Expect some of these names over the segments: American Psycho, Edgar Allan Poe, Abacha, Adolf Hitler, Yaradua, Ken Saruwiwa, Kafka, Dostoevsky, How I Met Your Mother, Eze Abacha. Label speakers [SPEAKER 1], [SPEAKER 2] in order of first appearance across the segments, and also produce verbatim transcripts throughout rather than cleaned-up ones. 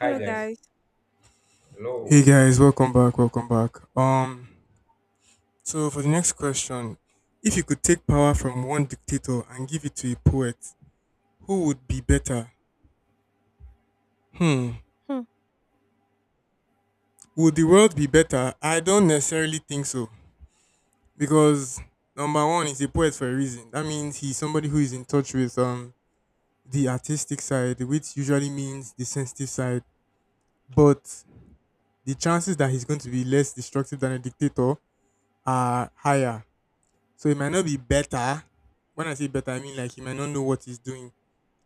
[SPEAKER 1] Hi
[SPEAKER 2] Hello,
[SPEAKER 1] guys.
[SPEAKER 2] guys.
[SPEAKER 1] Hello.
[SPEAKER 3] Hey guys, welcome back, welcome back. Um, so for the next question, if you could take power from one dictator and give it to a poet, who would be better? Hmm,
[SPEAKER 2] Hmm.
[SPEAKER 3] would the world be better? I don't necessarily think so because number one is a poet for a reason. That means he's somebody who is in touch with um the artistic side, which usually means the sensitive side. But the chances that he's going to be less destructive than a dictator are higher. So it might not be better. When I say better, I mean like he might not know what he's doing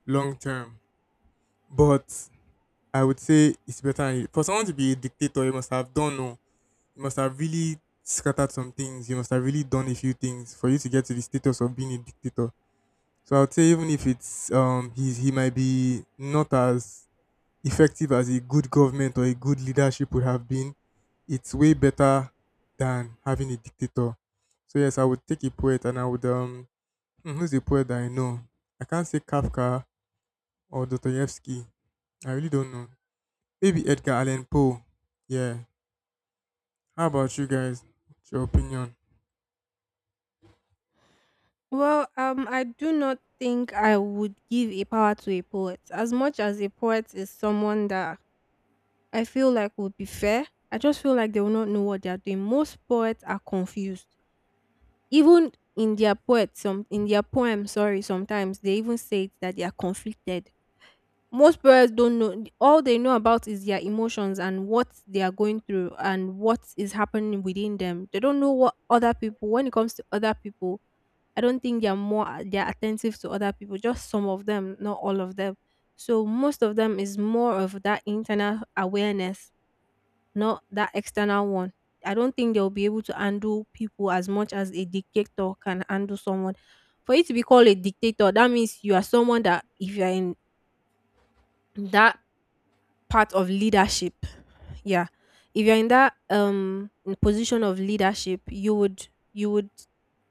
[SPEAKER 3] long term. But I would say it's better for someone to be a dictator. You must have done, no, you must have really scattered some things. You must have really done a few things for you to get to the status of being a dictator. So I would say even if it's um he he might be not as effective as a good government or a good leadership would have been, it's way better than having a dictator. So yes, I would take a poet and I would um Hmm, who's a poet that I know? I can't say Kafka or Dostoevsky. I really don't know. Maybe Edgar Allan Poe. Yeah. How about you guys? What's your opinion?
[SPEAKER 2] Well, um, I do not think I would give a power to a poet. As much as a poet is someone that I feel like would be fair, I just feel like they will not know what they are doing. Most poets are confused. Even in their poet, some in their poem, sorry, sometimes they even say it that they are conflicted. Most poets don't know. All they know about is their emotions and what they are going through and what is happening within them. They don't know what other people. When it comes to other people I don't think they're more they're attentive to other people, just some of them, not all of them. So most of them is more of that internal awareness, not that external one. I don't think they'll be able to handle people as much as a dictator can handle someone. For you to be called a dictator, that means you are someone that if you're in that part of leadership. Yeah. If you're in that um in position of leadership, you would you would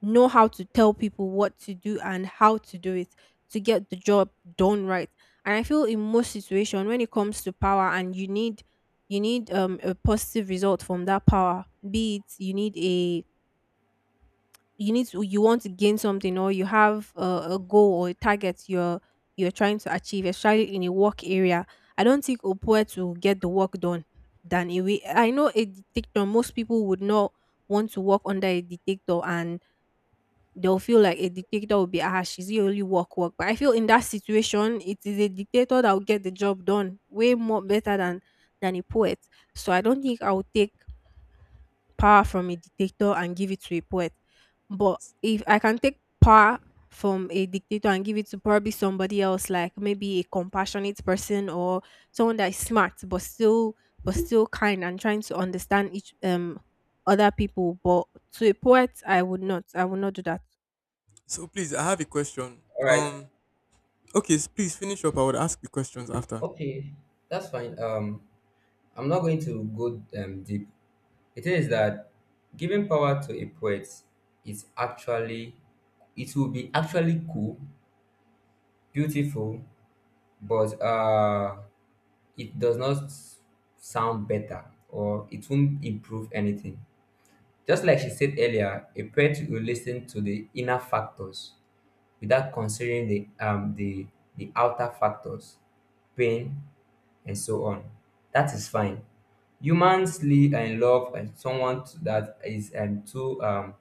[SPEAKER 2] know how to tell people what to do and how to do it to get the job done right. And I feel in most situation when it comes to power and you need you need um a positive result from that power, be it you need a you need to you want to gain something or you have a, a goal or a target you're you're trying to achieve, especially in a work area. I don't think upwork will get the work done than a way I know a dictator. Most people would not want to work under a dictator and they'll feel like a dictator will be ah she's the only work work, but I feel in that situation it is a dictator that will get the job done way more better than than a poet. So I don't think I would take power from a dictator and give it to a poet. But if I can take power from a dictator and give it to probably somebody else, like maybe a compassionate person or someone that is smart but still but still kind and trying to understand each um other people. But to a poet, I would not. I would not do that.
[SPEAKER 3] So please, I have a question.
[SPEAKER 1] All right.
[SPEAKER 3] Um, okay, s- Please finish up. I would ask the questions after.
[SPEAKER 1] Okay. That's fine. Um, I'm not going to go um, deep. It is that giving power to a poet is actually it will be actually cool, beautiful, but uh, it does not sound better or it won't improve anything. Just like she said earlier, a poet will listen to the inner factors without considering the um the the outer factors pain, and so on. That is fine. Humans live and love and someone to- that is um, too um,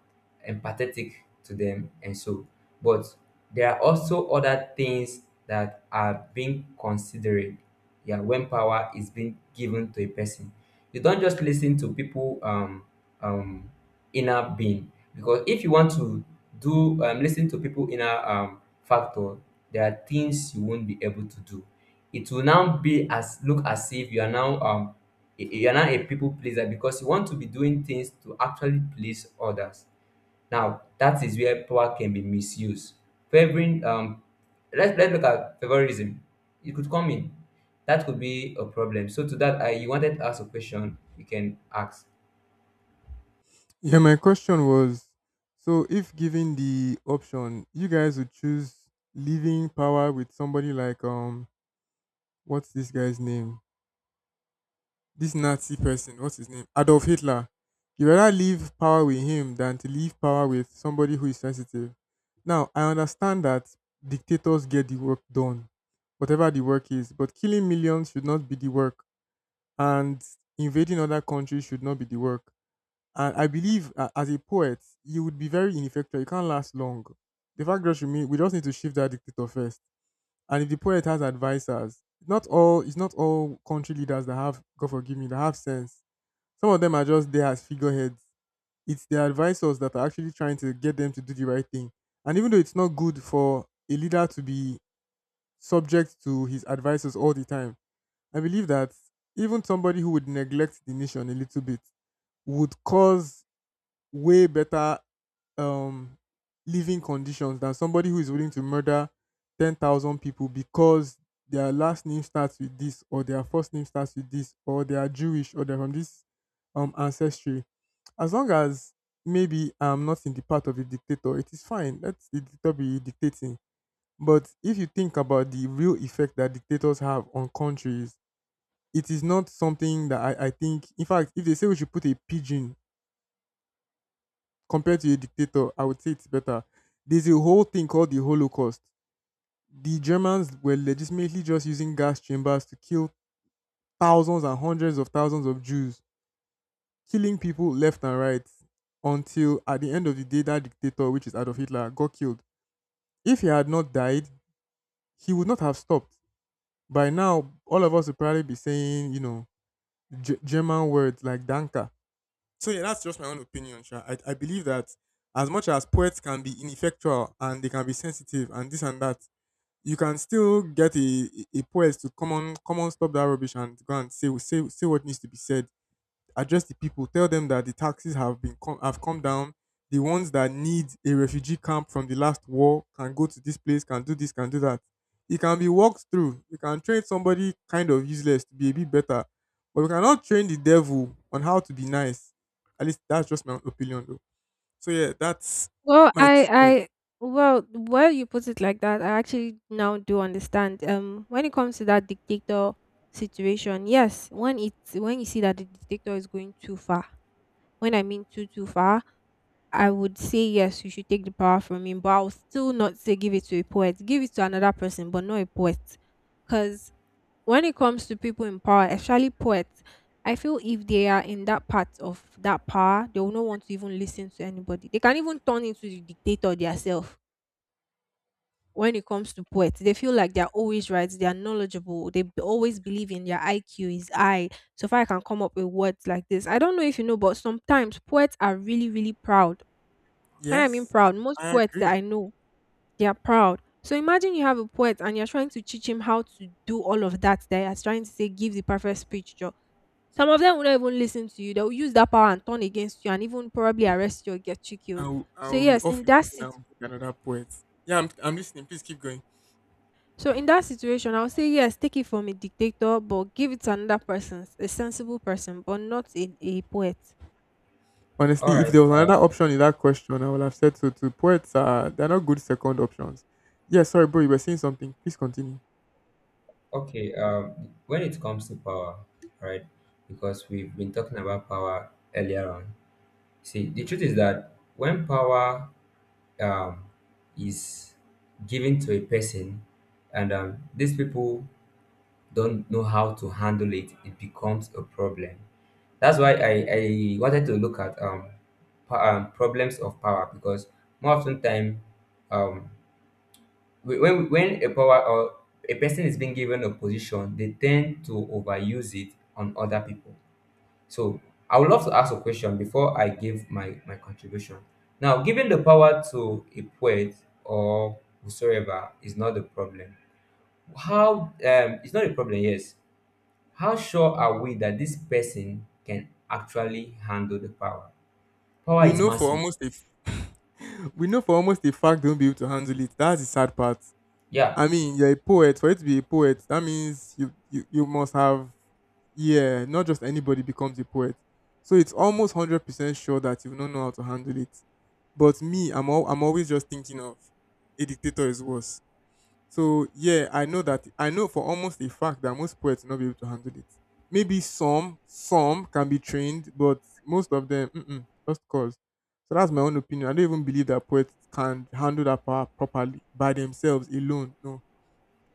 [SPEAKER 1] empathetic to them and so. But there are also other things that are being considered. Yeah, when power is being given to a person, you don't just listen to people um, um, inner being because if you want to do um, listen to people inner um, factor, there are things you won't be able to do it will now be as look as if you are now um a- a- you are now a people pleaser because you want to be doing things to actually please others. Now that is where power can be misused. Favoring um let's let's look at favorism. It could come in. That could be a problem. So to that, I you wanted to ask a question, you can ask.
[SPEAKER 3] Yeah, my question was, so if given the option, you guys would choose leaving power with somebody like um what's this guy's name? This Nazi person, what's his name? Adolf Hitler. You rather leave power with him than to leave power with somebody who is sensitive. Now, I understand that dictators get the work done, whatever the work is, but killing millions should not be the work, and invading other countries should not be the work. And I believe, uh, as a poet, you would be very ineffectual. You can't last long. The fact that you mean we just need to shift that dictator first. And if the poet has advisors, not all, it's not all country leaders that have, God forgive me, that have sense. Some of them are just there as figureheads. It's the advisors that are actually trying to get them to do the right thing. And even though it's not good for a leader to be subject to his advisors all the time, I believe that even somebody who would neglect the nation a little bit would cause way better um, living conditions than somebody who is willing to murder ten thousand people because their last name starts with this, or their first name starts with this, or they are Jewish, or they're from this um, ancestry. As long as maybe I'm not in the part of a dictator, it is fine. Let the dictator be dictating. But if you think about the real effect that dictators have on countries, it is not something that I, I think. In fact, if they say we should put a pigeon compared to a dictator, I would say it's better. There's a whole thing called the Holocaust. The Germans were legitimately just using gas chambers to kill thousands and hundreds of thousands of Jews, killing people left and right until at the end of the day that dictator, which is Adolf Hitler, got killed. If he had not died, he would not have stopped. By now, all of us would probably be saying, you know, G- German words like "Danke." So yeah, that's just my own opinion. Sha. I, I believe that as much as poets can be ineffectual and they can be sensitive and this and that, you can still get a, a a poet to come on, come on, stop that rubbish and go and say, say, say what needs to be said. Address the people, tell them that the taxes have been com- have come down. The ones that need a refugee camp from the last war can go to this place, can do this, can do that. It can be walked through. You can train somebody kind of useless to be a bit better, but we cannot train the devil on how to be nice. At least that's just my opinion, though. So yeah, that's
[SPEAKER 2] Well,
[SPEAKER 3] my two
[SPEAKER 2] I,
[SPEAKER 3] cents.
[SPEAKER 2] I, well, well, you put it like that. I actually now do understand. Um, when it comes to that dictator situation, yes, when it's when you see that the dictator is going too far, when I mean too too far, I would say yes, you should take the power from him. But I would still not say give it to a poet. Give it to another person, but not a poet, because when it comes to people in power, especially poets, I feel if they are in that part of that power, they will not want to even listen to anybody. They can even turn into the dictator themselves. When it comes to poets, they feel like they're always right, they are knowledgeable, they b- always believe in their I Q is high. So far, I can come up with words like this. I don't know if you know, but sometimes poets are really, really proud. When I mean
[SPEAKER 3] Yes,
[SPEAKER 2] proud, most
[SPEAKER 3] I
[SPEAKER 2] poets that
[SPEAKER 3] agree.
[SPEAKER 2] I know, they are proud. So imagine you have a poet and you're trying to teach him how to do all of that. They are trying to say, give the perfect speech. Some of them will not even listen to you. They'll use that power and turn against you and even probably arrest you or get you
[SPEAKER 3] I
[SPEAKER 2] killed.
[SPEAKER 3] will, I
[SPEAKER 2] So
[SPEAKER 3] will be
[SPEAKER 2] yes,
[SPEAKER 3] off
[SPEAKER 2] in that
[SPEAKER 3] immediately
[SPEAKER 2] sit-
[SPEAKER 3] and book another poet. Yeah, I'm, I'm listening. Please keep going.
[SPEAKER 2] so in that situation, I would say yes, take it from a dictator, but give it to another person, a sensible person, but not a, a poet.
[SPEAKER 1] All
[SPEAKER 3] Honestly, if
[SPEAKER 1] right.
[SPEAKER 3] there was
[SPEAKER 1] Uh,
[SPEAKER 3] another option in that question, I would have said so too. Poets are, they're not good second options. Yeah, sorry, bro, you were saying something. Please continue.
[SPEAKER 1] okay. Um, when it comes to power, right? Because we've been talking about power earlier on. See, the truth is that when power um, is given to a person and um, these people don't know how to handle it it becomes a problem that's why i, I wanted to look at um, po- um problems of power because more often time um whe- when when a power or a person is being given a position they tend to overuse it on other people so I would love to ask a question before I give my, my contribution. Now, giving the power to a poet or whosoever is not the problem. How um it's not a problem, yes. How sure are we that this person can actually handle the power? Power
[SPEAKER 3] We
[SPEAKER 1] is
[SPEAKER 3] know for
[SPEAKER 1] massive.
[SPEAKER 3] almost a f- we know for almost a fact they won't be able to handle it. That's the sad part.
[SPEAKER 1] Yeah,
[SPEAKER 3] I mean, you're a poet. For you to be a poet, that means you you, you must have, yeah, not just anybody becomes a poet. So it's almost hundred percent sure that you don't know how to handle it. But me, I'm all, I'm always just thinking of a dictator is worse. So yeah, I know that I know for almost a fact that most poets will not be able to handle it. Maybe some some can be trained, but most of them, mm-mm, just cause. So that's my own opinion. I don't even believe that poets can handle that power properly by themselves alone. No,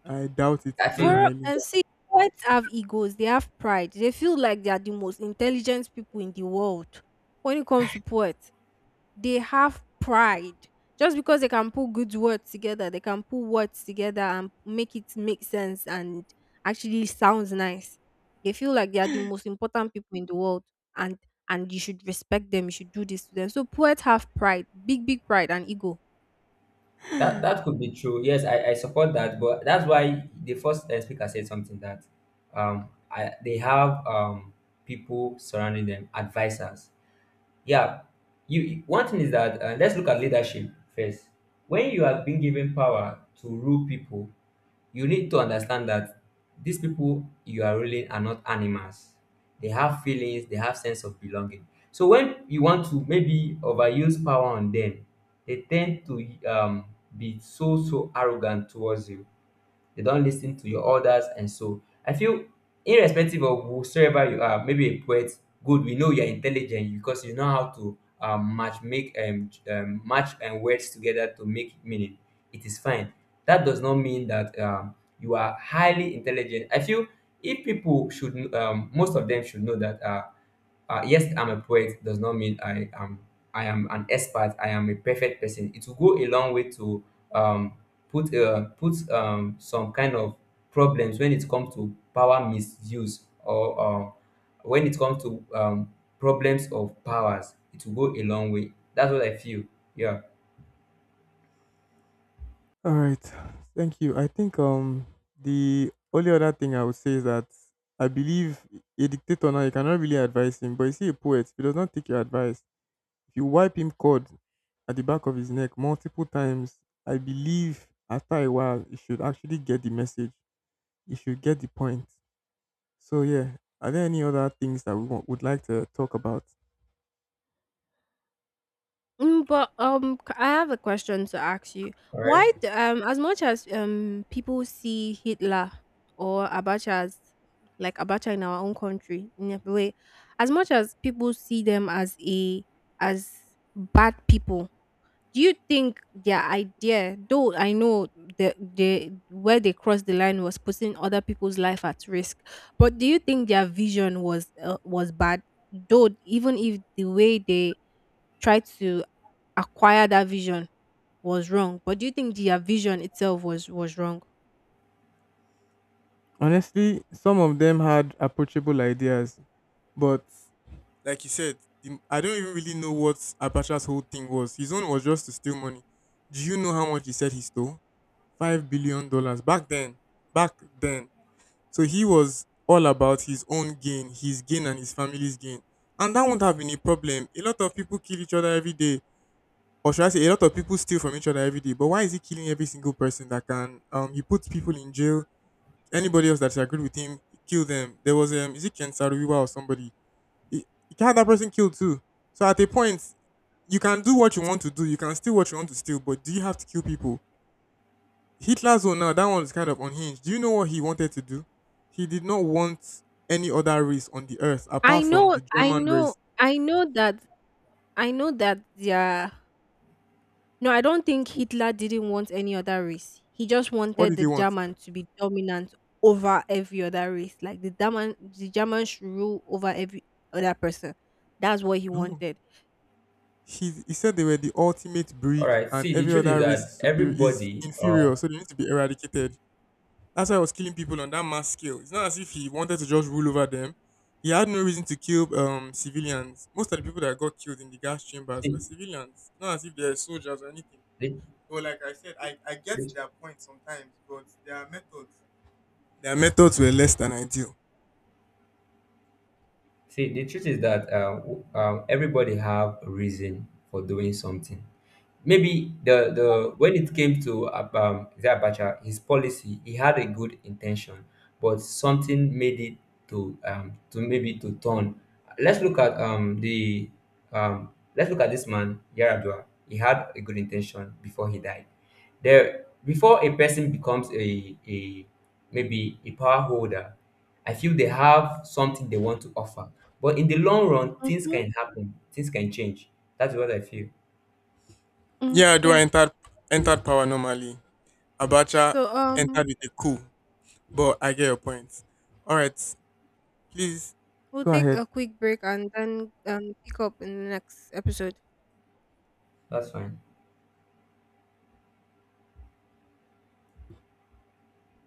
[SPEAKER 3] I doubt it
[SPEAKER 1] I
[SPEAKER 3] very
[SPEAKER 1] feel
[SPEAKER 2] For
[SPEAKER 3] highly.
[SPEAKER 2] and see, poets have egos, they have pride. They feel like they are the most intelligent people in the world when it comes to poets. They have pride just because they can put good words together, they can put words together and make it make sense and actually sounds nice. They feel like they are the most important people in the world. And and you should respect them, you should do this to them. So poets have pride, big big pride and ego.
[SPEAKER 1] that that could be true. Yes, I, I support that, but that's why the first uh, speaker said something that um I, they have um people surrounding them, advisors yeah you one thing is that uh, let's look at leadership first when you are being given power to rule people you need to understand that these people you are ruling are not animals they have feelings they have sense of belonging so when you want to maybe overuse power on them they tend to um, be so so arrogant towards you they don't listen to your orders and so I feel irrespective of whosoever you are maybe a poet good we know you're intelligent because you know how to um, match make um, j- um match and words together to make meaning it is fine that does not mean that um, you are highly intelligent I feel if people should um, most of them should know that uh, uh, yes, I'm a poet does not mean I am I am an expert. I am a perfect person. It will go a long way to um, put uh, put um, some kind of problems when it comes to power misuse or uh, when it comes to um, problems of powers. It will go a long way. That's what I feel. Yeah.
[SPEAKER 3] All right, thank you. I think um the only other thing I would say is that I believe a dictator now you cannot really advise him, but you see a poet, if he does not take your advice, if you wipe him cord at the back of his neck multiple times, I believe after a while he should actually get the message. He should get the point. So yeah, are there any other things that we wa- would like to talk about?
[SPEAKER 2] Mm, but um, c- I have a question to ask you.
[SPEAKER 1] All
[SPEAKER 2] Why,
[SPEAKER 1] right.
[SPEAKER 2] d- um, as much as um people see Hitler or Abacha as, like Abacha in our own country in a way, as much as people see them as a as bad people, do you think their idea, though I know the the where they crossed the line was putting other people's life at risk, but do you think their vision was uh, was bad? Though even if the way they try to acquire that vision was wrong. But do you think their vision itself was was wrong?
[SPEAKER 3] Honestly, some of them had approachable ideas, but like you said, the- I don't even really know what Abacha's whole thing was. His own was just to steal money. Do you know how much he said he stole? Five billion dollars back then. Back then. So he was all about his own gain, his gain and his family's gain. And that will not have been a problem. A lot of people kill each other every day. Or should I say, a lot of people steal from each other every day. But why is he killing every single person that can? Um, he puts people in jail. Anybody else that agreed with him, kill them. There was, um, is it Ken Saruwiwa or somebody? He, he had that person killed too. So at a point, you can do what you want to do. You can steal what you want to steal. But do you have to kill people? Hitler's own now, that one was kind of unhinged. Do you know what he wanted to do? He did not want any other race on the earth
[SPEAKER 2] I
[SPEAKER 3] apart from
[SPEAKER 2] know,
[SPEAKER 3] the
[SPEAKER 2] I
[SPEAKER 3] German
[SPEAKER 2] know,
[SPEAKER 3] race.
[SPEAKER 2] I know that, I know that. Yeah, no, I don't think Hitler didn't want any other race. He just
[SPEAKER 3] What
[SPEAKER 2] wanted
[SPEAKER 3] did he
[SPEAKER 2] the
[SPEAKER 3] want?
[SPEAKER 2] German to be dominant over every other race, like the German, the German should rule over every other person. That's what he
[SPEAKER 3] No.
[SPEAKER 2] wanted.
[SPEAKER 3] He, he said they were the ultimate
[SPEAKER 1] All
[SPEAKER 3] breed
[SPEAKER 1] right.
[SPEAKER 3] and
[SPEAKER 1] See, the
[SPEAKER 3] every
[SPEAKER 1] truth is
[SPEAKER 3] other race is
[SPEAKER 1] that
[SPEAKER 3] superior is
[SPEAKER 1] everybody. Uh,
[SPEAKER 3] inferior, so they need to be eradicated. That's why he was killing people on that mass scale. It's not as if he wanted to just rule over them. He had no reason to kill um civilians. Most of the people that got killed in the gas chambers were
[SPEAKER 1] see,
[SPEAKER 3] civilians. Not as if they're soldiers or anything.
[SPEAKER 1] the,
[SPEAKER 3] But like I said, I, I get
[SPEAKER 1] the,
[SPEAKER 3] their point sometimes, but their methods their methods were less than ideal.
[SPEAKER 1] see, the truth is that uh, w- uh, everybody have a reason for doing something. Maybe the the when it came to Ab- um, Eze Abacha, his policy, he had a good intention, but something made it to um, to maybe to turn. Let's look at um, the um, let's look at this man Yaradua. He had a good intention before he died. There, before a person becomes a a maybe a power holder, I feel they have something they want to offer. But in the long run, things
[SPEAKER 2] Mm-hmm.
[SPEAKER 1] can happen, things can change. That's what I feel.
[SPEAKER 3] Yeah, do I
[SPEAKER 2] Okay.
[SPEAKER 3] entered entered power normally. Abacha
[SPEAKER 2] So, um,
[SPEAKER 3] entered with a coup. But I get your point. Alright, please
[SPEAKER 2] We'll
[SPEAKER 3] go
[SPEAKER 2] take
[SPEAKER 3] ahead.
[SPEAKER 2] a quick break and then um, pick up in the next episode.
[SPEAKER 1] That's fine.